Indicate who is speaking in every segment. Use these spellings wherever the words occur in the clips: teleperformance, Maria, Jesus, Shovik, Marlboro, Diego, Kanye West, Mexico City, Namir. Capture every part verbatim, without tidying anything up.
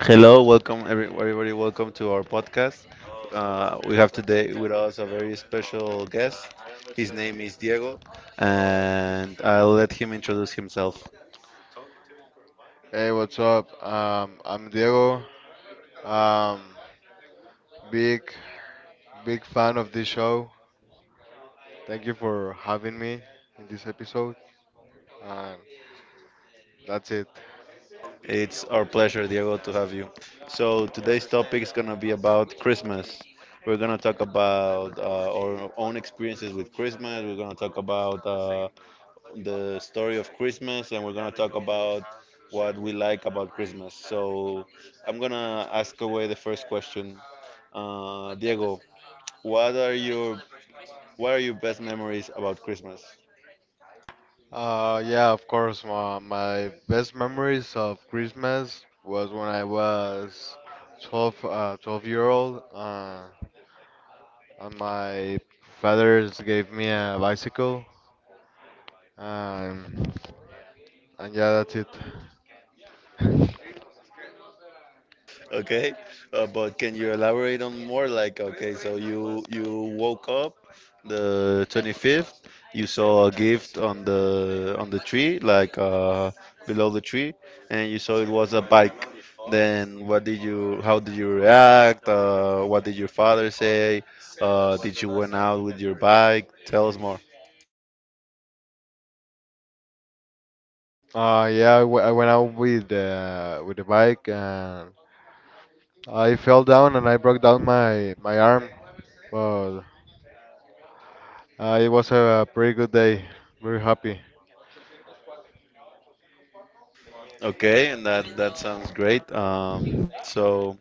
Speaker 1: Hello, welcome every, everybody. Welcome to our podcast. Uh, we have today with us a very special guest. His name is Diego, and I'll let him introduce himself.
Speaker 2: Hey, what's up? Um, I'm Diego. Um, big, big fan of this show. Thank you for having me in this episode. And that's it.
Speaker 1: It's our pleasure, Diego, to have you. So today's topic is gonna be about Christmas. We're gonna talk about uh, our own experiences with Christmas. We're gonna talk about uh, the story of Christmas, and we're gonna talk about what we like about Christmas. So I'm gonna ask away the first question. Uh, Diego, what are your what are your best memories about Christmas?
Speaker 2: Uh, yeah, of course. My, my best memories of Christmas was when I was twelve, uh, twelve year old. Uh, and my fathers gave me a bicycle. Um, and yeah, that's it.
Speaker 1: Okay, uh, but can you elaborate on more? Like, okay, so you you woke up the twenty-fifth, you saw a gift on the on the tree, like uh, below the tree, and you saw it was a bike. Then what did you? How did you react? Uh, what did your father say? Uh, did you went out with your bike? Tell us more.
Speaker 2: Uh, yeah, I w- I went out with uh, with the bike, and I fell down and I broke down my my arm. But uh, it was a pretty good day. Very happy.
Speaker 1: Okay, and that that sounds great. Um, so.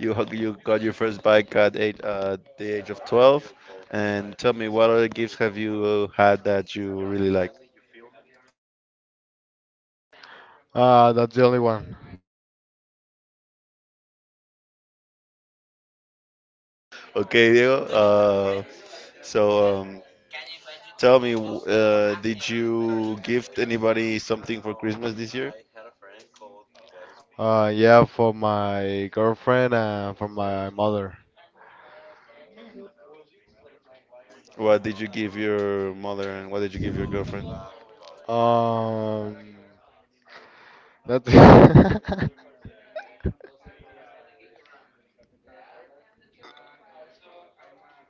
Speaker 1: You hug- you got your first bike at eight, uh, the age of twelve, and tell me what other gifts have you uh, had that you really liked?
Speaker 2: Uh, that's the only one.
Speaker 1: Okay, Diego. Uh, so um, tell me, w- uh, did you gift anybody something for Christmas this year?
Speaker 2: Uh, yeah, for my girlfriend and for my mother.
Speaker 1: What did you give your mother, and what did you give your girlfriend?
Speaker 2: Um, that's.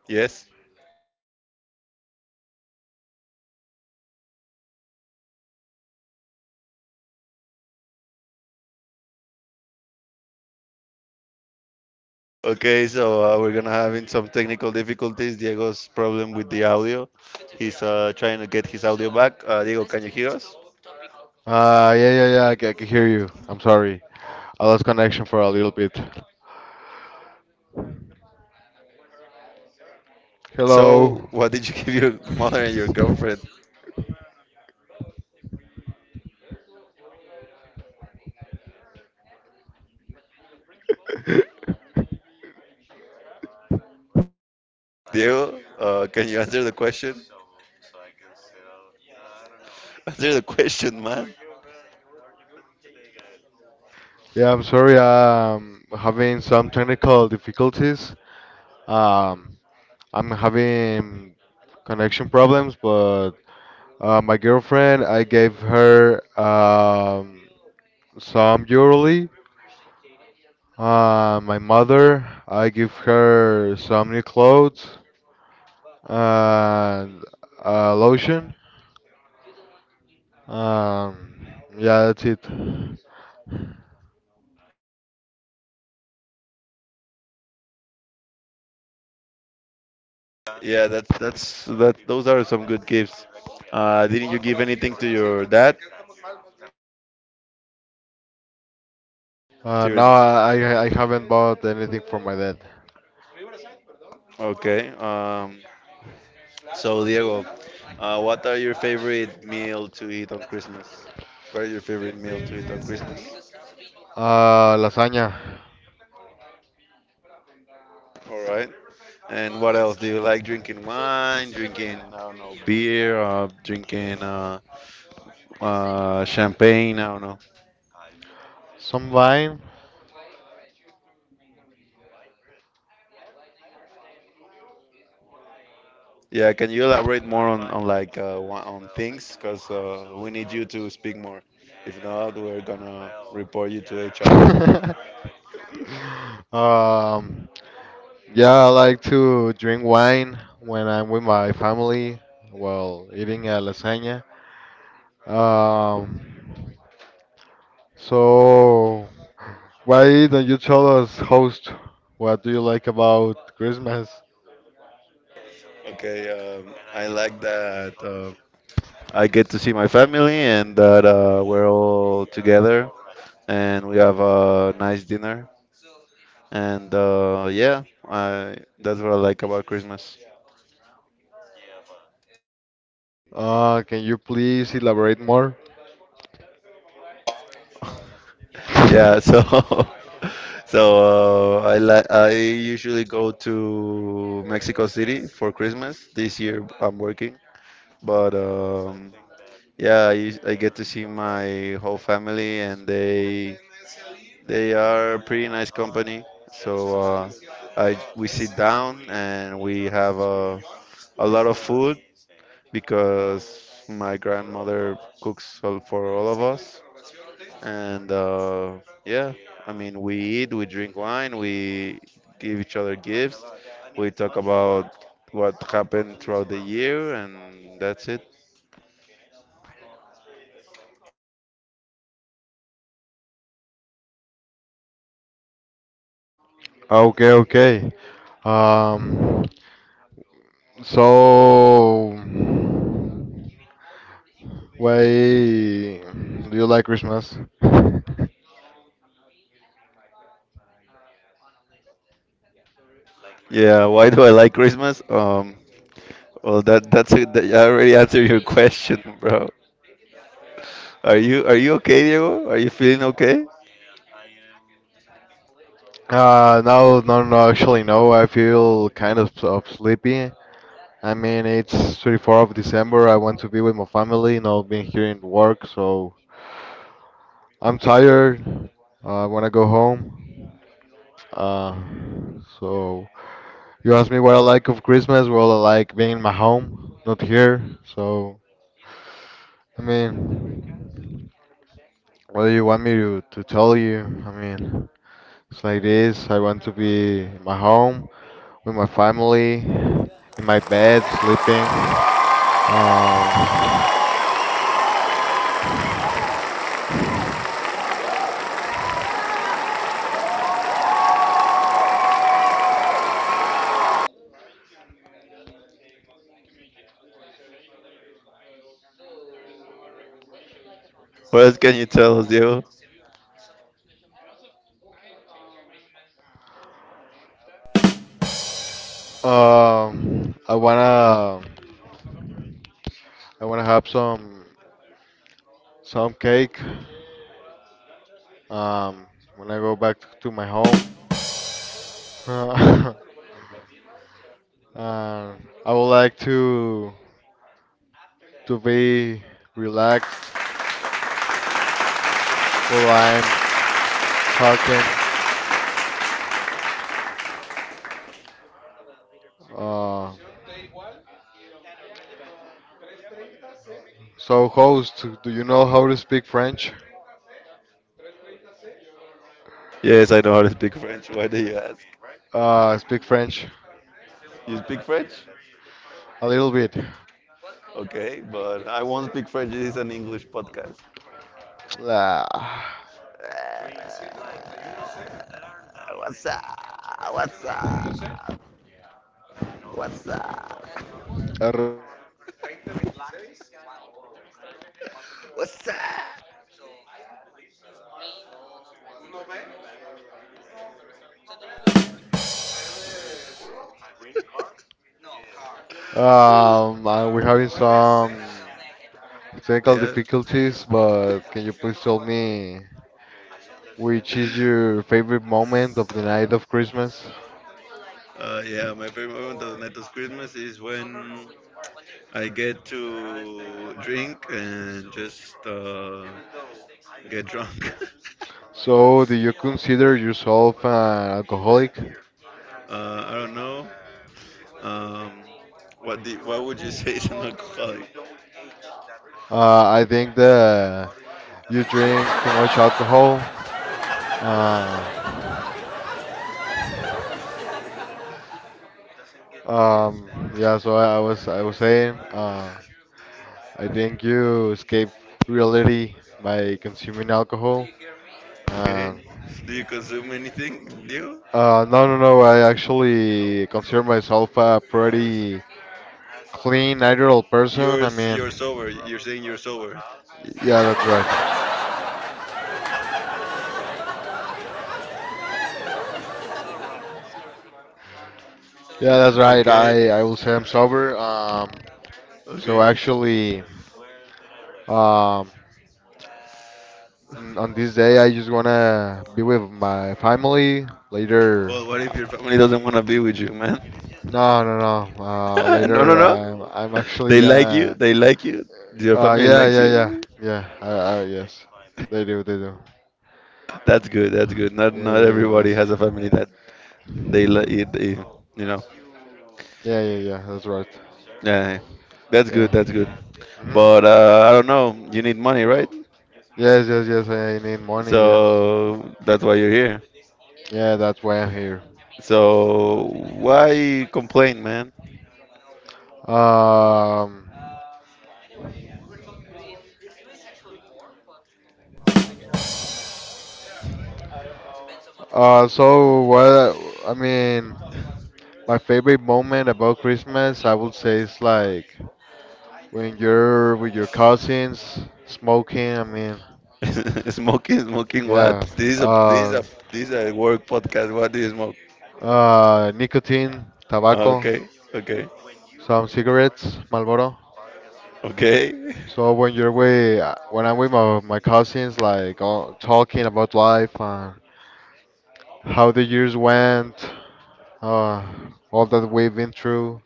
Speaker 1: Yes. Okay, so uh, we're gonna having some technical difficulties. Diego's problem with the audio. He's uh, trying to get his audio back. Uh, Diego, can you hear us?
Speaker 2: Uh, yeah, yeah, yeah. I ca- I can hear you. I'm sorry. I lost connection for a little bit. Hello.
Speaker 1: So, what did you give your mother and your girlfriend? Diego, uh, can you answer the question? Answer the question, man.
Speaker 2: Yeah, I'm sorry. Um, having some technical difficulties. Um, I'm having connection problems, but uh, my girlfriend, I gave her um, some jewelry. Uh, my mother, I give her some new clothes and uh, lotion. Um, yeah, that's it.
Speaker 1: Yeah, that's that's that. Those are some good gifts. Uh, didn't you give anything to your dad? To
Speaker 2: Uh,
Speaker 1: your
Speaker 2: now I, I I haven't bought anything for my dad.
Speaker 1: okay. Um, so Diego, uh, what are your favorite meal to eat on Christmas? What are your favorite meal to eat on Christmas?
Speaker 2: Uh, lasagna.
Speaker 1: All right. And what else do you like? Drinking wine, drinking I don't know beer, uh, drinking uh, uh, champagne. I don't know.
Speaker 2: Some wine.
Speaker 1: Yeah, can you elaborate more on, on like uh, wha- on things? Because uh, we need you to speak more. If not, we're gonna report you to H R.
Speaker 2: Um, yeah, I like to drink wine when I'm with my family while eating a lasagna. Um, so why don't you tell us, host, what do you like about Christmas?
Speaker 1: Okay, um, I like that uh, I get to see my family and that uh, we're all together and we have a nice dinner. And uh, yeah, I, that's what I like about Christmas.
Speaker 2: Uh, can you please elaborate more?
Speaker 1: Yeah, so so uh, I li- I usually go to Mexico City for Christmas. This year I'm working, but um, yeah, I, I get to see my whole family, and they they are pretty nice company. So uh, I we sit down and we have a a lot of food because my grandmother cooks all, for all of us. And uh, yeah, I mean, we eat, we drink wine, we give each other gifts, we talk about what happened throughout the year, and that's it.
Speaker 2: Okay, okay. Um, so why do you like Christmas?
Speaker 1: Yeah, why do I like Christmas? Um, well, that that's it. That, I already answered your question, bro. Are you are you okay, Diego? Are you feeling okay?
Speaker 2: Uh, no, no, no, actually, no. I feel kind of, of sleepy. I mean, it's twenty-fourth of December. I want to be with my family, not being here in work, so I'm tired. Uh, I want to go home. Uh, so you asked me what I like of Christmas. Well, I like being in my home, not here. So, I mean, what do you want me to, to tell you? I mean. It's like this. I want to be in my home with my family, in my bed, sleeping. Uh,
Speaker 1: What else can you tell us, Diego?
Speaker 2: um, I wanna, I wanna have some, some cake. Um, when I go back to my home, uh, I would like to, to be relaxed while I'm talking. Uh, so host, do you know how to speak French?
Speaker 1: Yes, I know how to speak French. Why do you ask?
Speaker 2: Uh, speak French
Speaker 1: You speak French?
Speaker 2: a little bit.
Speaker 1: Okay, but I won't speak French. This is an English podcast.
Speaker 2: Ah,
Speaker 1: Ah, what's up? What's up? What's up?
Speaker 2: arre-
Speaker 1: What's up?
Speaker 2: Um, uh, we're having some technical
Speaker 1: Yeah.
Speaker 2: difficulties, but can you please tell me which is your favorite moment of the night of Christmas?
Speaker 1: Uh, yeah, my favorite moment of Neto's Christmas is when I get to drink and just uh, get drunk.
Speaker 2: So, do you consider yourself an alcoholic?
Speaker 1: uh, I don't know. Um, what do, what would you say is an alcoholic?
Speaker 2: Uh, I think that you drink too much alcohol. Uh, um, yeah, so I, I was I was saying, uh, I think you escape reality by consuming alcohol. Uh,
Speaker 1: Okay. Do you consume anything? Do you?
Speaker 2: uh, no, no, no. I actually consider myself a pretty clean, ideal person.
Speaker 1: You're
Speaker 2: I
Speaker 1: s- you're sober.
Speaker 2: mean,
Speaker 1: You're saying you're sober.
Speaker 2: yeah, that's right. Yeah, that's right.
Speaker 1: Okay.
Speaker 2: I, I will say I'm sober. Um, so
Speaker 1: Okay.
Speaker 2: actually, um, n- on this day, I just wanna be with my family. Later,
Speaker 1: Well, what if your
Speaker 2: uh,
Speaker 1: family doesn't want to be with you, man?
Speaker 2: no, no, no. Uh,
Speaker 1: No, no,
Speaker 2: later,
Speaker 1: no.
Speaker 2: I'm, I'm actually
Speaker 1: They like you.
Speaker 2: gonna
Speaker 1: They like you. Your
Speaker 2: Uh,
Speaker 1: family
Speaker 2: yeah,
Speaker 1: likes
Speaker 2: yeah, yeah,
Speaker 1: you.
Speaker 2: yeah. I, I, yes, they do, they do.
Speaker 1: That's good. That's good. Not
Speaker 2: Yeah,
Speaker 1: not
Speaker 2: yeah, yeah, yes.
Speaker 1: everybody has a family that they let you, they, you know.
Speaker 2: Yeah, yeah, yeah. That's right.
Speaker 1: Yeah, yeah, yeah. That's good.
Speaker 2: Yeah.
Speaker 1: That's good.
Speaker 2: hmm
Speaker 1: But uh, I don't know. You need money, right?
Speaker 2: Yes, yes, yes. I need money. Yes.
Speaker 1: So that's why you're here.
Speaker 2: Yeah, that's why I'm here.
Speaker 1: So why complain, man?
Speaker 2: Um. Uh. So what? I mean, my favorite moment about Christmas, I would say, is like when you're with your cousins smoking. I mean,
Speaker 1: Smoking, smoking what?
Speaker 2: yeah.
Speaker 1: This is a this is
Speaker 2: Uh.
Speaker 1: a this is a work podcast. What do you smoke?
Speaker 2: Uh. Nicotine,
Speaker 1: Uh,
Speaker 2: tobacco.
Speaker 1: Okay, okay,
Speaker 2: Some cigarettes, Marlboro.
Speaker 1: okay.
Speaker 2: So when you're with, uh, when I'm with my, my cousins, like all, talking about life, uh, how the years went, uh, all that we've been through,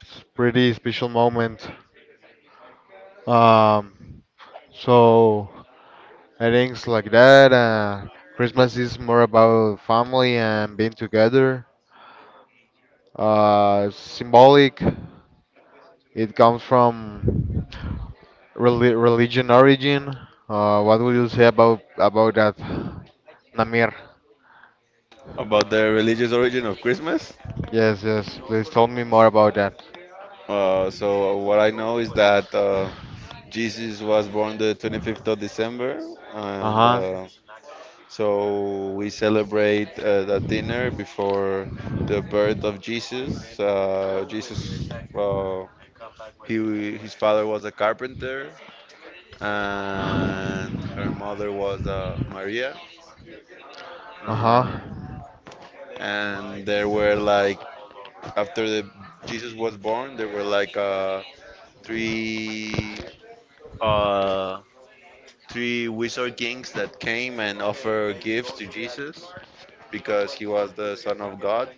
Speaker 2: it's pretty special moment. Um, so I think it's like that. Uh, Christmas is more about family and being together. Uh, symbolic. It comes from Reli- religion origin. Uh, what would you say about about that, Namir?
Speaker 1: About the religious origin of Christmas?
Speaker 2: Yes, yes. Please tell me more about that.
Speaker 1: Uh, so what I know is that uh, Jesus was born the December twenty-fifth,
Speaker 2: Uh
Speaker 1: and
Speaker 2: huh.
Speaker 1: uh, so we celebrate uh, a dinner before the birth of Jesus. Uh, Jesus, uh, he his father was a carpenter, and her mother was uh, Maria.
Speaker 2: Uh huh.
Speaker 1: Uh, and there were like after the Jesus was born, there were like uh, three. uh, three wizard kings that came and offered gifts to Jesus because he was the son of God.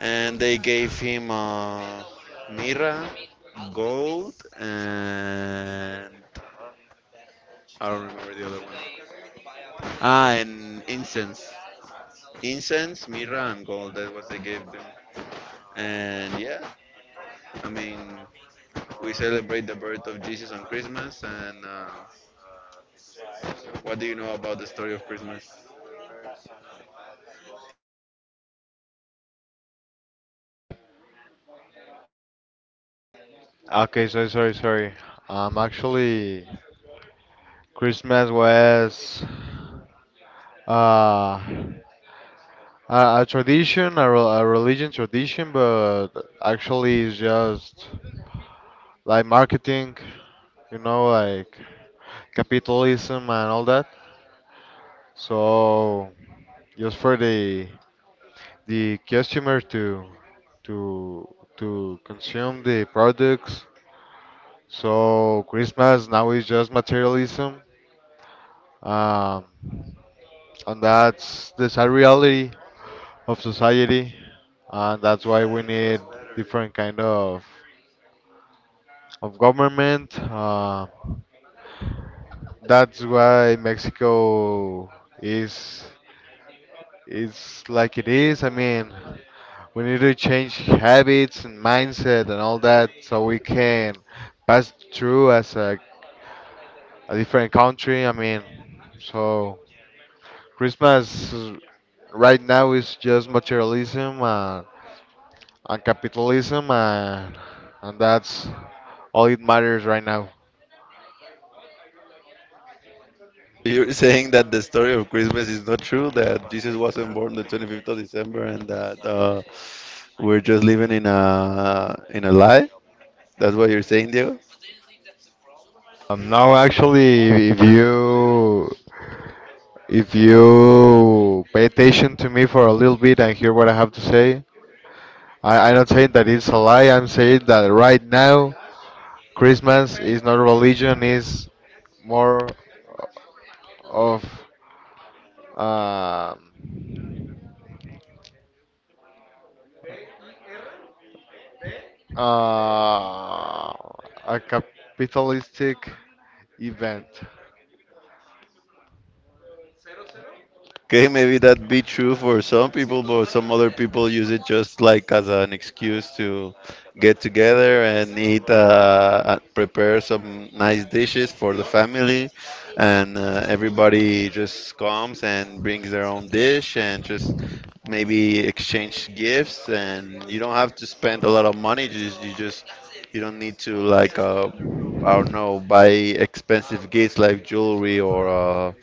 Speaker 1: And they gave him uh, mirra, gold, and I don't remember the other one. Ah, and incense. Incense, mirra, and gold. That's what they gave them. And yeah, I mean, we celebrate the birth of Jesus on Christmas. And uh, what do you know about the story of Christmas?
Speaker 2: Okay. Sorry, sorry, sorry. Um, actually, Christmas was uh a, a tradition, a, rel- a religion tradition, but actually it's just like marketing, you know, like capitalism and all that. So just for the the customer to to to consume the products. So Christmas now is just materialism, um, and that's the sad reality of society, and that's why we need different kind of of government. Uh, that's why Mexico is is like it is. I mean, we need to change habits and mindset and all that so we can pass through as a, a different country. I mean, so Christmas uh, right now is just materialism, and, and capitalism, and, and that's all it matters right now.
Speaker 1: So you're saying that the story of Christmas is not true, that Jesus wasn't born the December twenty-fifth, and that uh, we're just living in a in a lie? That's what you're saying, Diego?
Speaker 2: Um, no, actually, if you if you pay attention to me for a little bit and hear what I have to say, I, I'm not saying that it's a lie. I'm saying that right now Christmas is not religion; is more of um, uh, a capitalistic event.
Speaker 1: Okay, maybe that be true for some people, but some other people use it just like as an excuse to get together and eat, uh, uh, prepare some nice dishes for the family, and uh, everybody just comes and brings their own dish, and just maybe exchange gifts, and you don't have to spend a lot of money. Just you just you don't need to like uh, I don't know buy expensive gifts like jewelry or. Uh,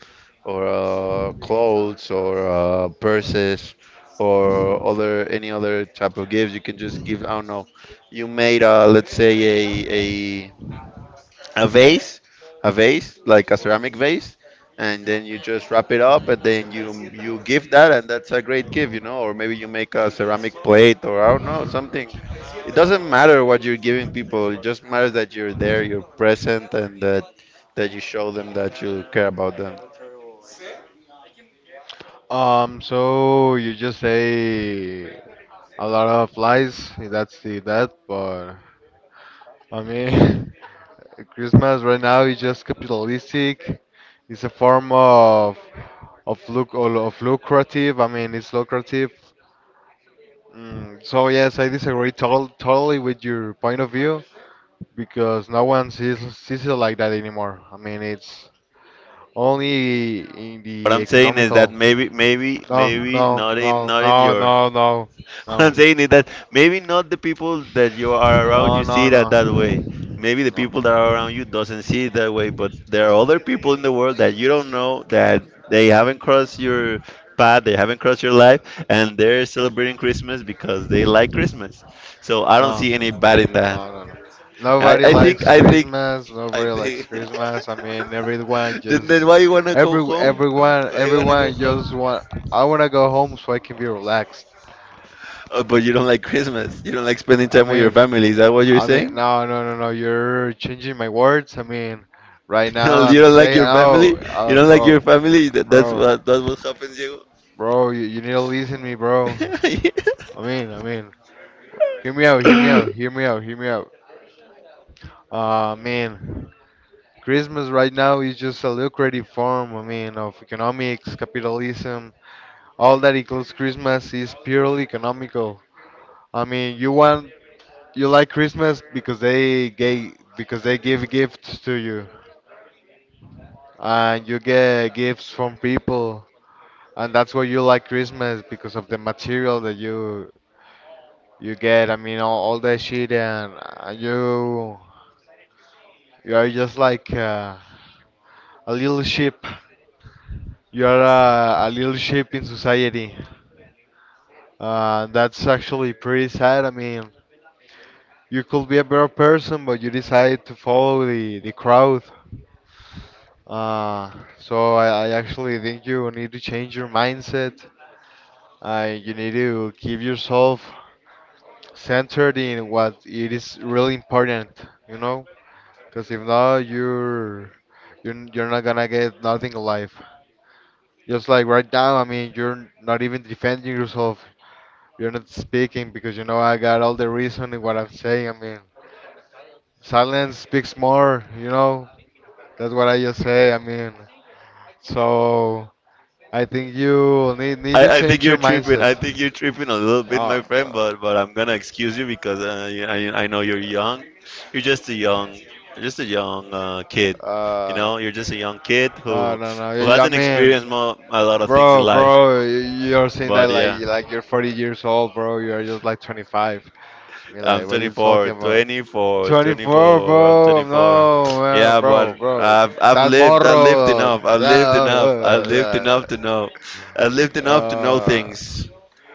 Speaker 1: Or uh, clothes or uh, purses or other any other type of gifts. You can just give. I don't know. You made uh, let's say a a a vase, a vase like a ceramic vase, and then you just wrap it up, and then you you give that, and that's a great gift, you know. Or maybe you make a ceramic plate or I don't know something. It doesn't matter what you're giving people. It just matters that you're there, you're present, and that that you show them that you care about them.
Speaker 2: Um, so you just say a lot of lies. That's the that, but I mean, Christmas right now is just capitalistic. It's a form of of look of lucrative. I mean, it's lucrative. Mm, so yes, I disagree tol totally with your point of view because no one sees sees it like that anymore. I mean, it's only in
Speaker 1: What
Speaker 2: the
Speaker 1: I'm saying is that
Speaker 2: economical.
Speaker 1: maybe, maybe,
Speaker 2: No,
Speaker 1: maybe
Speaker 2: no,
Speaker 1: not in,
Speaker 2: no,
Speaker 1: not in
Speaker 2: no,
Speaker 1: your.
Speaker 2: no, no,
Speaker 1: What I'm
Speaker 2: no,
Speaker 1: saying is that maybe not the people that you are around
Speaker 2: no,
Speaker 1: you see
Speaker 2: no,
Speaker 1: that
Speaker 2: no,
Speaker 1: that way.
Speaker 2: no,
Speaker 1: Maybe the people that are around you doesn't see it that way, but there are other people in the world that you don't know that they haven't crossed your path, they haven't crossed your life, and they're celebrating Christmas because they like Christmas. So I don't
Speaker 2: no,
Speaker 1: see
Speaker 2: no,
Speaker 1: any bad in that.
Speaker 2: no, no.
Speaker 1: I,
Speaker 2: Nobody
Speaker 1: I think,
Speaker 2: likes
Speaker 1: I think,
Speaker 2: Christmas.
Speaker 1: I
Speaker 2: Nobody likes
Speaker 1: think.
Speaker 2: Christmas. I mean, everyone
Speaker 1: Then, then
Speaker 2: just
Speaker 1: why you wanna go
Speaker 2: every
Speaker 1: home?
Speaker 2: everyone
Speaker 1: Why you wanna go
Speaker 2: everyone
Speaker 1: home?
Speaker 2: just want. I wanna go home so I can be relaxed.
Speaker 1: Oh, but you don't like Christmas. You don't like spending
Speaker 2: I
Speaker 1: time with your
Speaker 2: mean.
Speaker 1: family. Is that what you're
Speaker 2: I mean,
Speaker 1: saying?
Speaker 2: no, no, no, no. You're changing my words. I mean, right
Speaker 1: You
Speaker 2: now
Speaker 1: don't, you
Speaker 2: I'm
Speaker 1: don't like
Speaker 2: saying,
Speaker 1: your
Speaker 2: oh,
Speaker 1: family. You
Speaker 2: uh,
Speaker 1: don't like your
Speaker 2: bro,
Speaker 1: family. That, that's
Speaker 2: bro,
Speaker 1: what that's what happens, Diego.
Speaker 2: bro. You, you need to listen to me, bro. I mean, I mean, hear me out, hear me out, hear me out, hear me out. Uh, man, Christmas right now is just a lucrative form. I mean, of economics, capitalism. All that equals Christmas is purely economical. I mean, you want, you like Christmas because they gave, because they give gifts to you, and you get gifts from people, and that's why you like Christmas because of the material that you you get. I mean, all, all that shit, and, and you you are just like uh, a little sheep. You are a, a little sheep in society. Uh, that's actually pretty sad. I mean, you could be a better person, but you decide to follow the the crowd. Uh, so I, I actually think you need to change your mindset. Uh, you need to give yourself centered in what it is really important, you know? Because if not, you're, you're you're not gonna get nothing in life. Just like right now, I mean, you're not even defending yourself. You're not speaking because you know I got all the reason in what I'm saying. I mean, silence speaks more, you know? That's what I just say. I mean, so I think you need need
Speaker 1: I,
Speaker 2: to
Speaker 1: I think
Speaker 2: change
Speaker 1: you're
Speaker 2: your
Speaker 1: tripping.
Speaker 2: mindset.
Speaker 1: I think you're tripping a little bit, my friend.
Speaker 2: Oh,
Speaker 1: But but I'm gonna excuse you because uh, you- I I know you're young. You're just a young, you're just a young uh, kid.
Speaker 2: uh,
Speaker 1: You
Speaker 2: uh,
Speaker 1: know, you're just a young kid
Speaker 2: no,
Speaker 1: who
Speaker 2: no, no.
Speaker 1: who
Speaker 2: y- y- I
Speaker 1: hasn't
Speaker 2: mean,
Speaker 1: experienced mo- a lot of things in
Speaker 2: bro,
Speaker 1: life.
Speaker 2: bro, you're saying that
Speaker 1: But
Speaker 2: like
Speaker 1: yeah.
Speaker 2: like you're forty years old, bro. You're just like twenty-five. You're like,
Speaker 1: I'm
Speaker 2: what are you talking
Speaker 1: twenty-four,
Speaker 2: about?
Speaker 1: twenty-four,
Speaker 2: twenty-four,
Speaker 1: twenty-four. I'm
Speaker 2: bro.
Speaker 1: twenty-four.
Speaker 2: No, man,
Speaker 1: Yeah, but
Speaker 2: bro, bro.
Speaker 1: I've I've
Speaker 2: That
Speaker 1: lived. I've lived
Speaker 2: morro.
Speaker 1: enough. I've
Speaker 2: Uh,
Speaker 1: lived enough. I've lived
Speaker 2: uh,
Speaker 1: enough to know. I've lived
Speaker 2: uh.
Speaker 1: enough to know
Speaker 2: Uh,
Speaker 1: things.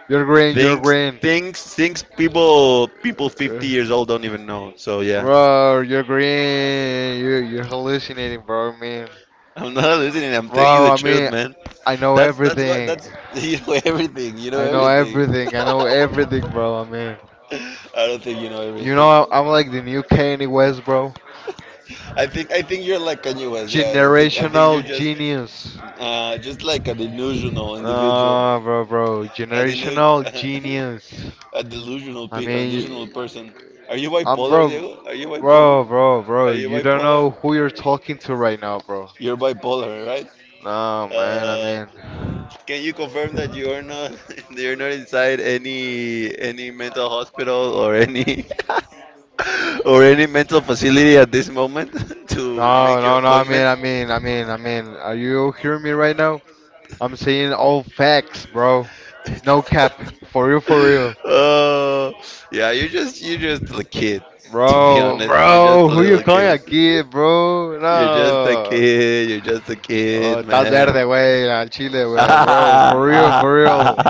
Speaker 2: you're green. You're
Speaker 1: Things,
Speaker 2: green.
Speaker 1: things, things. People, people
Speaker 2: Uh,
Speaker 1: fifty years old don't even know. So yeah,
Speaker 2: Bro, you're green. You you're hallucinating, bro. I mean,
Speaker 1: I'm not listening. I'm telling you
Speaker 2: bro.
Speaker 1: the
Speaker 2: I
Speaker 1: truth,
Speaker 2: mean,
Speaker 1: man.
Speaker 2: I know
Speaker 1: That's that's what
Speaker 2: everything.
Speaker 1: that's you know everything. You know
Speaker 2: I know
Speaker 1: everything.
Speaker 2: everything. I know everything, bro. I mean,
Speaker 1: I don't think you know
Speaker 2: you know,
Speaker 1: everything.
Speaker 2: I'm, I'm like the new Kanye West, bro.
Speaker 1: I think I think you're like Kanye West. Yeah, I think I think you're
Speaker 2: Generational
Speaker 1: just
Speaker 2: genius.
Speaker 1: Uh, just like a delusional individual,
Speaker 2: Ah, bro, bro.
Speaker 1: a, denu-
Speaker 2: Generational genius.
Speaker 1: a delusional,
Speaker 2: I
Speaker 1: pe- a delusional
Speaker 2: mean,
Speaker 1: person. Are you
Speaker 2: I'm
Speaker 1: bipolar,
Speaker 2: bro,
Speaker 1: Diego? Are you bipolar?
Speaker 2: bro, bro,
Speaker 1: Are
Speaker 2: bro.
Speaker 1: you
Speaker 2: You don't know
Speaker 1: bipolar?
Speaker 2: who you're talking to right now, bro.
Speaker 1: You're bipolar, right?
Speaker 2: No, man. I
Speaker 1: Uh,
Speaker 2: mean,
Speaker 1: can you confirm that you are not that you're not inside any any mental hospital or any or any mental facility at this moment to make
Speaker 2: no,
Speaker 1: your
Speaker 2: no, no. I mean,
Speaker 1: appointment?
Speaker 2: I mean, I mean, I mean. Are you hearing me right now? I'm saying all facts, bro. No cap. For real, for real.
Speaker 1: Oh, yeah, you're just you're just a kid, to be
Speaker 2: Bro,
Speaker 1: honest. You're just
Speaker 2: bro,
Speaker 1: a
Speaker 2: who you
Speaker 1: little
Speaker 2: calling
Speaker 1: kid.
Speaker 2: a kid, bro?
Speaker 1: You're just a
Speaker 2: No.
Speaker 1: kid. You're just a kid,
Speaker 2: Oh, estás
Speaker 1: man.
Speaker 2: verde, güey, al chile, güey, bro. For real, for real.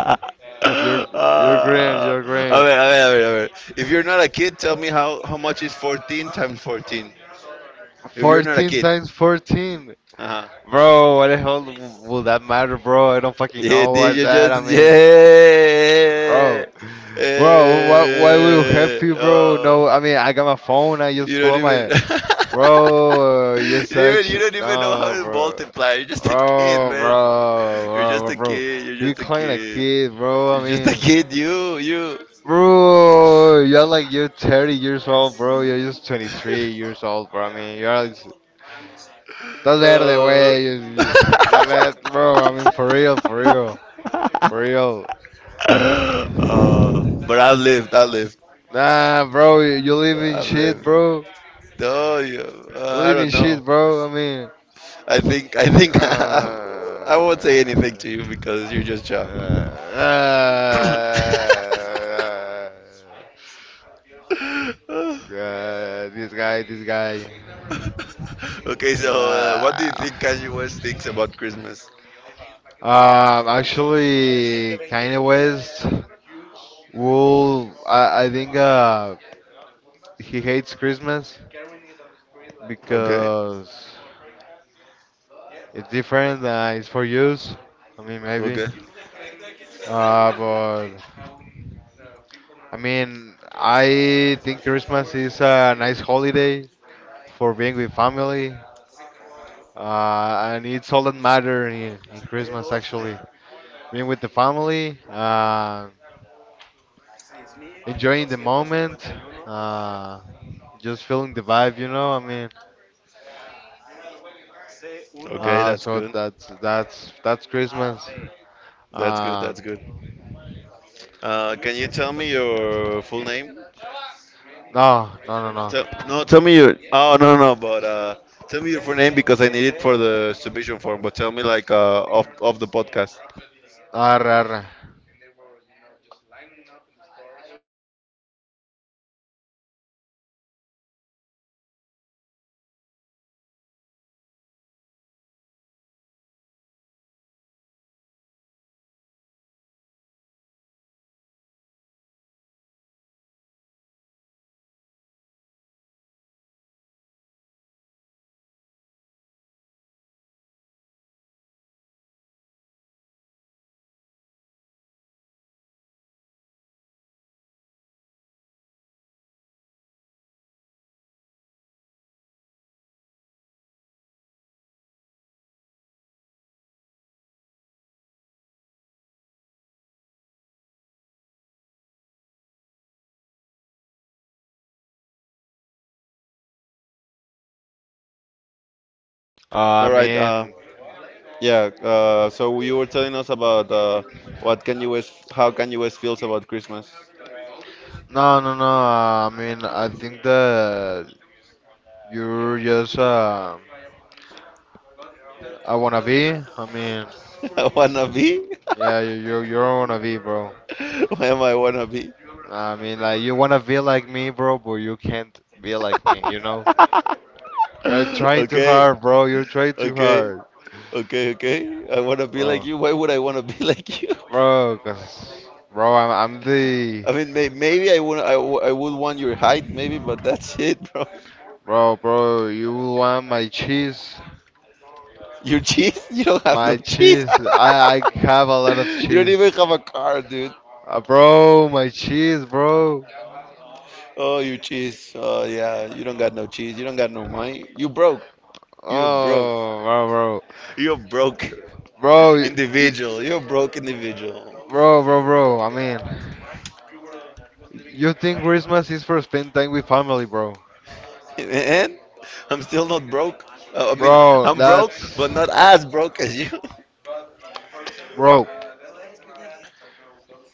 Speaker 2: You're
Speaker 1: Ah,
Speaker 2: you're
Speaker 1: ah.
Speaker 2: green,
Speaker 1: A
Speaker 2: you're
Speaker 1: ver, a
Speaker 2: green.
Speaker 1: ver, a ver, a ver. If you're not a kid, tell me how how much is fourteen times fourteen? If you're not a
Speaker 2: fourteen
Speaker 1: kid.
Speaker 2: times fourteen.
Speaker 1: Uh-huh.
Speaker 2: Bro, what the hell w- will that matter, bro? I don't fucking
Speaker 1: Yeah,
Speaker 2: know
Speaker 1: did
Speaker 2: what's
Speaker 1: you
Speaker 2: that. I
Speaker 1: just
Speaker 2: mean,
Speaker 1: yeah.
Speaker 2: bro. Bro, what why will help
Speaker 1: Eh,
Speaker 2: you, bro?
Speaker 1: oh.
Speaker 2: No, I mean, I got my phone. I just
Speaker 1: You
Speaker 2: pull
Speaker 1: don't
Speaker 2: up
Speaker 1: even.
Speaker 2: my Bro, you're
Speaker 1: you, don't even
Speaker 2: such
Speaker 1: you don't even know how
Speaker 2: no,
Speaker 1: to
Speaker 2: bro.
Speaker 1: multiply. You're just a kid,
Speaker 2: Oh,
Speaker 1: man.
Speaker 2: bro,
Speaker 1: You're
Speaker 2: bro,
Speaker 1: just
Speaker 2: bro,
Speaker 1: a
Speaker 2: bro.
Speaker 1: kid. You're
Speaker 2: We
Speaker 1: just a
Speaker 2: calling a
Speaker 1: kid.
Speaker 2: kid, bro.
Speaker 1: You're
Speaker 2: I
Speaker 1: just a
Speaker 2: mean,
Speaker 1: kid. You, you.
Speaker 2: bro, you're like you're thirty years old, bro. You're just twenty-three years old, bro. I mean, you're like, estás verde,
Speaker 1: Uh.
Speaker 2: güey. You, you, la net, bro. I mean, for real, for real, for real.
Speaker 1: Uh, but I've lived. I've lived.
Speaker 2: Nah, bro, you, you live in
Speaker 1: I've
Speaker 2: shit,
Speaker 1: lived.
Speaker 2: bro.
Speaker 1: No, you, uh,
Speaker 2: You
Speaker 1: I
Speaker 2: live in
Speaker 1: don't know.
Speaker 2: shit, bro. I mean,
Speaker 1: I think. I think. I,
Speaker 2: uh,
Speaker 1: I won't say anything to you because you're just young.
Speaker 2: uh, uh, uh, this guy, this guy.
Speaker 1: okay, so uh, what do you
Speaker 2: Uh,
Speaker 1: think Kanye West thinks about Christmas?
Speaker 2: Um, actually, Kanye West will. I, I think uh, he hates Christmas
Speaker 1: Okay,
Speaker 2: because it's different. Uh, it's for use. I mean, maybe.
Speaker 1: okay,
Speaker 2: Uh, but I mean, I think Christmas is a nice holiday for being with family. Uh, and it's all that matter in, in Christmas actually. Being with the family. Uh, enjoying the moment, uh, just feeling the vibe, you know. I mean,
Speaker 1: okay.
Speaker 2: uh,
Speaker 1: That's
Speaker 2: so
Speaker 1: good.
Speaker 2: that's that's that's Christmas.
Speaker 1: That's good.
Speaker 2: Uh,
Speaker 1: That's good. Uh, can you tell me your full name?
Speaker 2: no, no, no, no.
Speaker 1: Tell, no, tell me your. Oh no, no, but uh, tell me your full name because I need it for the submission form. But tell me like uh, off off the podcast.
Speaker 2: Arre, arre. Uh, I
Speaker 1: All right. Uh,
Speaker 2: mean,
Speaker 1: yeah. Uh, so you were telling us about uh, what Kanye West, how Kanye West feels about Christmas.
Speaker 2: no, no, no. Uh, I mean, I think that you're just uh, I wanna be. I mean,
Speaker 1: Wanna be?
Speaker 2: yeah, you you you wanna be, bro.
Speaker 1: Why am I wanna be?
Speaker 2: I mean, like you wanna be like me, bro, but you can't be like me, you know? You're trying too
Speaker 1: Okay,
Speaker 2: hard, bro. You're trying too
Speaker 1: okay,
Speaker 2: hard,
Speaker 1: okay, okay. I wanna be like
Speaker 2: bro.
Speaker 1: you. Why would I wanna be like you?
Speaker 2: Bro, cause bro, I'm, I'm the
Speaker 1: I mean, may maybe I would I, w I would want your height, maybe, but that's it, bro.
Speaker 2: bro, bro. You want my cheese?
Speaker 1: Your cheese? You don't have no
Speaker 2: My
Speaker 1: cheese.
Speaker 2: cheese. I I have a lot of
Speaker 1: You don't even
Speaker 2: cheese,
Speaker 1: have a car, dude.
Speaker 2: uh, bro. My cheese, bro.
Speaker 1: Oh, you cheese. Oh, yeah. You don't got no cheese. You don't got no money. You broke. You broke.
Speaker 2: Oh, bro,
Speaker 1: You're broke
Speaker 2: bro, bro, y- y-
Speaker 1: individual. You're broke individual.
Speaker 2: bro, bro, bro. I mean, you think Christmas is for spend time with family, bro?
Speaker 1: And I'm still not broke. Uh, I mean,
Speaker 2: Bro,
Speaker 1: I'm broke,
Speaker 2: that's.
Speaker 1: but not as broke as you.
Speaker 2: Bro,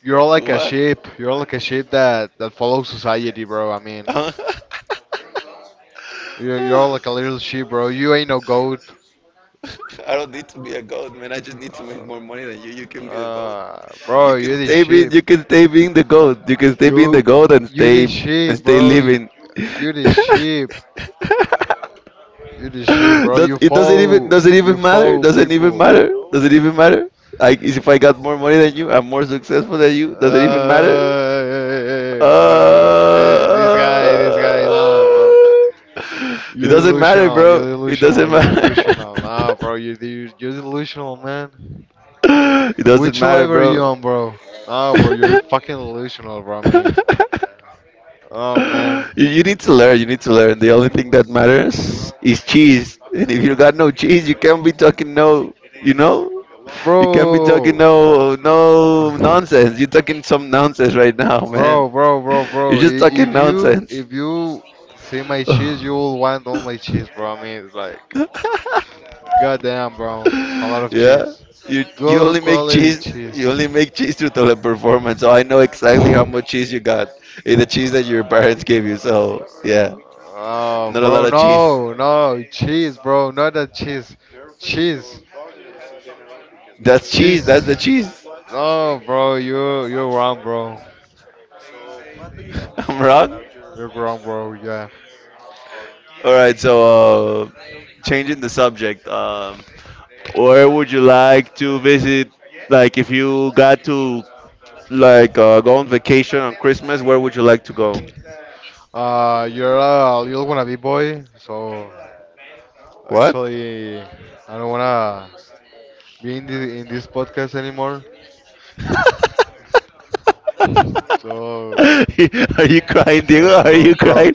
Speaker 2: you're like a
Speaker 1: What?
Speaker 2: sheep. You're like a sheep that, that follows society, bro. I mean,
Speaker 1: Uh,
Speaker 2: you're, you're like a little sheep, bro. You ain't no goat.
Speaker 1: I don't need to be a goat, man. I just need to make more money than you. You can be the goat.
Speaker 2: Uh, bro,
Speaker 1: You can
Speaker 2: you the
Speaker 1: stay being.
Speaker 2: sheep.
Speaker 1: You can stay being the goat. You can stay
Speaker 2: You,
Speaker 1: being the goat and
Speaker 2: you the
Speaker 1: stay and
Speaker 2: sheep,
Speaker 1: stay
Speaker 2: bro.
Speaker 1: living.
Speaker 2: You the sheep.
Speaker 1: Does
Speaker 2: You the sheep, bro. You
Speaker 1: it doesn't even
Speaker 2: follow,
Speaker 1: doesn't
Speaker 2: you
Speaker 1: even matter?
Speaker 2: follow
Speaker 1: Doesn't even
Speaker 2: people.
Speaker 1: matter? Does it even matter? Like if I got more money than you, I'm more successful than you. Does it even
Speaker 2: uh,
Speaker 1: matter?
Speaker 2: uh,
Speaker 1: Uh,
Speaker 2: this guy, this guy, no, bro.
Speaker 1: it
Speaker 2: You're
Speaker 1: doesn't matter,
Speaker 2: delusional. You're
Speaker 1: bro. It
Speaker 2: delusional.
Speaker 1: doesn't
Speaker 2: You're
Speaker 1: matter.
Speaker 2: delusional. No, bro. You're de- you're delusional, man.
Speaker 1: It doesn't
Speaker 2: Which
Speaker 1: matter,
Speaker 2: level are you
Speaker 1: bro.
Speaker 2: on, bro? No, bro. You're
Speaker 1: you,
Speaker 2: fucking delusional, bro. I mean, oh man,
Speaker 1: you need to learn. You need to learn. The only thing that matters is cheese. And if you got no cheese, you can't be talking no. You know, you can't be talking
Speaker 2: bro.
Speaker 1: no no nonsense. You're talking some nonsense right now, man.
Speaker 2: Bro, bro, bro,
Speaker 1: You're
Speaker 2: bro.
Speaker 1: just
Speaker 2: i-
Speaker 1: talking
Speaker 2: If you
Speaker 1: nonsense.
Speaker 2: if you see my cheese, you will want all my cheese, bro. I mean, it's like, goddamn, bro. It's a lot of
Speaker 1: Yeah.
Speaker 2: cheese.
Speaker 1: You you
Speaker 2: Good
Speaker 1: only make
Speaker 2: quality
Speaker 1: cheese. You
Speaker 2: cheese.
Speaker 1: only make cheese through teleperformance, so I know exactly how much cheese you got. It's the cheese that your parents gave you. So yeah,
Speaker 2: Oh,
Speaker 1: not a
Speaker 2: bro,
Speaker 1: lot of cheese.
Speaker 2: no, no, cheese, bro, not that cheese, cheese,
Speaker 1: That's cheese. That's the
Speaker 2: cheese.
Speaker 1: cheese.
Speaker 2: No, bro, you you're wrong, bro.
Speaker 1: I'm wrong.
Speaker 2: You're wrong, bro. Yeah.
Speaker 1: All right. So uh, changing the subject. Um, where would you like to visit? Like, if you got to Like uh, go on vacation on Christmas, where would you like to go?
Speaker 2: Uh, you're a little wannabe boy, so
Speaker 1: What?
Speaker 2: actually, I don't wanna be in the in this podcast anymore.
Speaker 1: Are
Speaker 2: So,
Speaker 1: you crying, Diego?
Speaker 2: uh,
Speaker 1: Are
Speaker 2: bro,
Speaker 1: you
Speaker 2: bro,
Speaker 1: crying?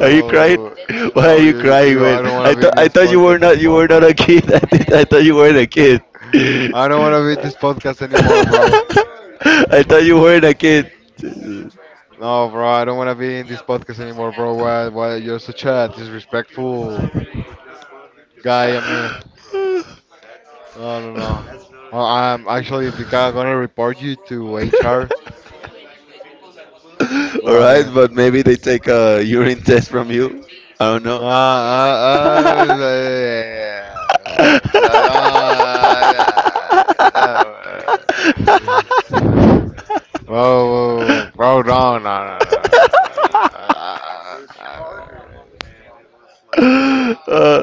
Speaker 1: Are you crying? Why are
Speaker 2: so
Speaker 1: you
Speaker 2: you,
Speaker 1: crying,
Speaker 2: you,
Speaker 1: man?
Speaker 2: I don't
Speaker 1: I
Speaker 2: wanna be
Speaker 1: thought
Speaker 2: in
Speaker 1: I
Speaker 2: this
Speaker 1: thought you were
Speaker 2: podcast
Speaker 1: not you
Speaker 2: anymore,
Speaker 1: were not
Speaker 2: bro.
Speaker 1: a kid. I, thi- I thought you weren't a kid.
Speaker 2: I don't wanna be in this podcast anymore, bro.
Speaker 1: I thought you weren't a kid.
Speaker 2: No, bro, I don't wanna be in this podcast anymore, bro. Why, why you're such a disrespectful guy? I mean. No, no, no. Uh, I'm actually think I'm gonna report you to H R. Well,
Speaker 1: All right,
Speaker 2: I mean,
Speaker 1: but maybe they take a urine test from you. I don't
Speaker 2: uh,
Speaker 1: know.
Speaker 2: uh, uh, uh, uh, no. Whoa, whoa, whoa, no, no, no. No. Uh, uh, uh,
Speaker 1: Uh,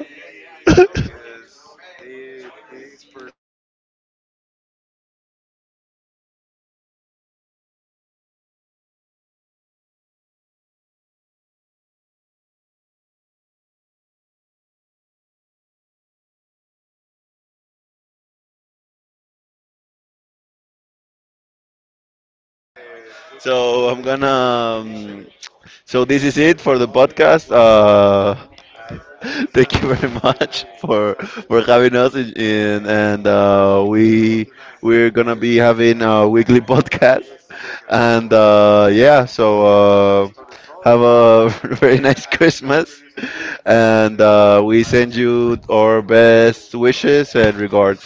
Speaker 1: so I'm gonna. Um, so this is it for the podcast. Uh, thank you very much for for having us in, in and uh, we we're gonna be having a weekly podcast and uh, yeah so uh, have a very nice Christmas and uh, we send you our best wishes and regards.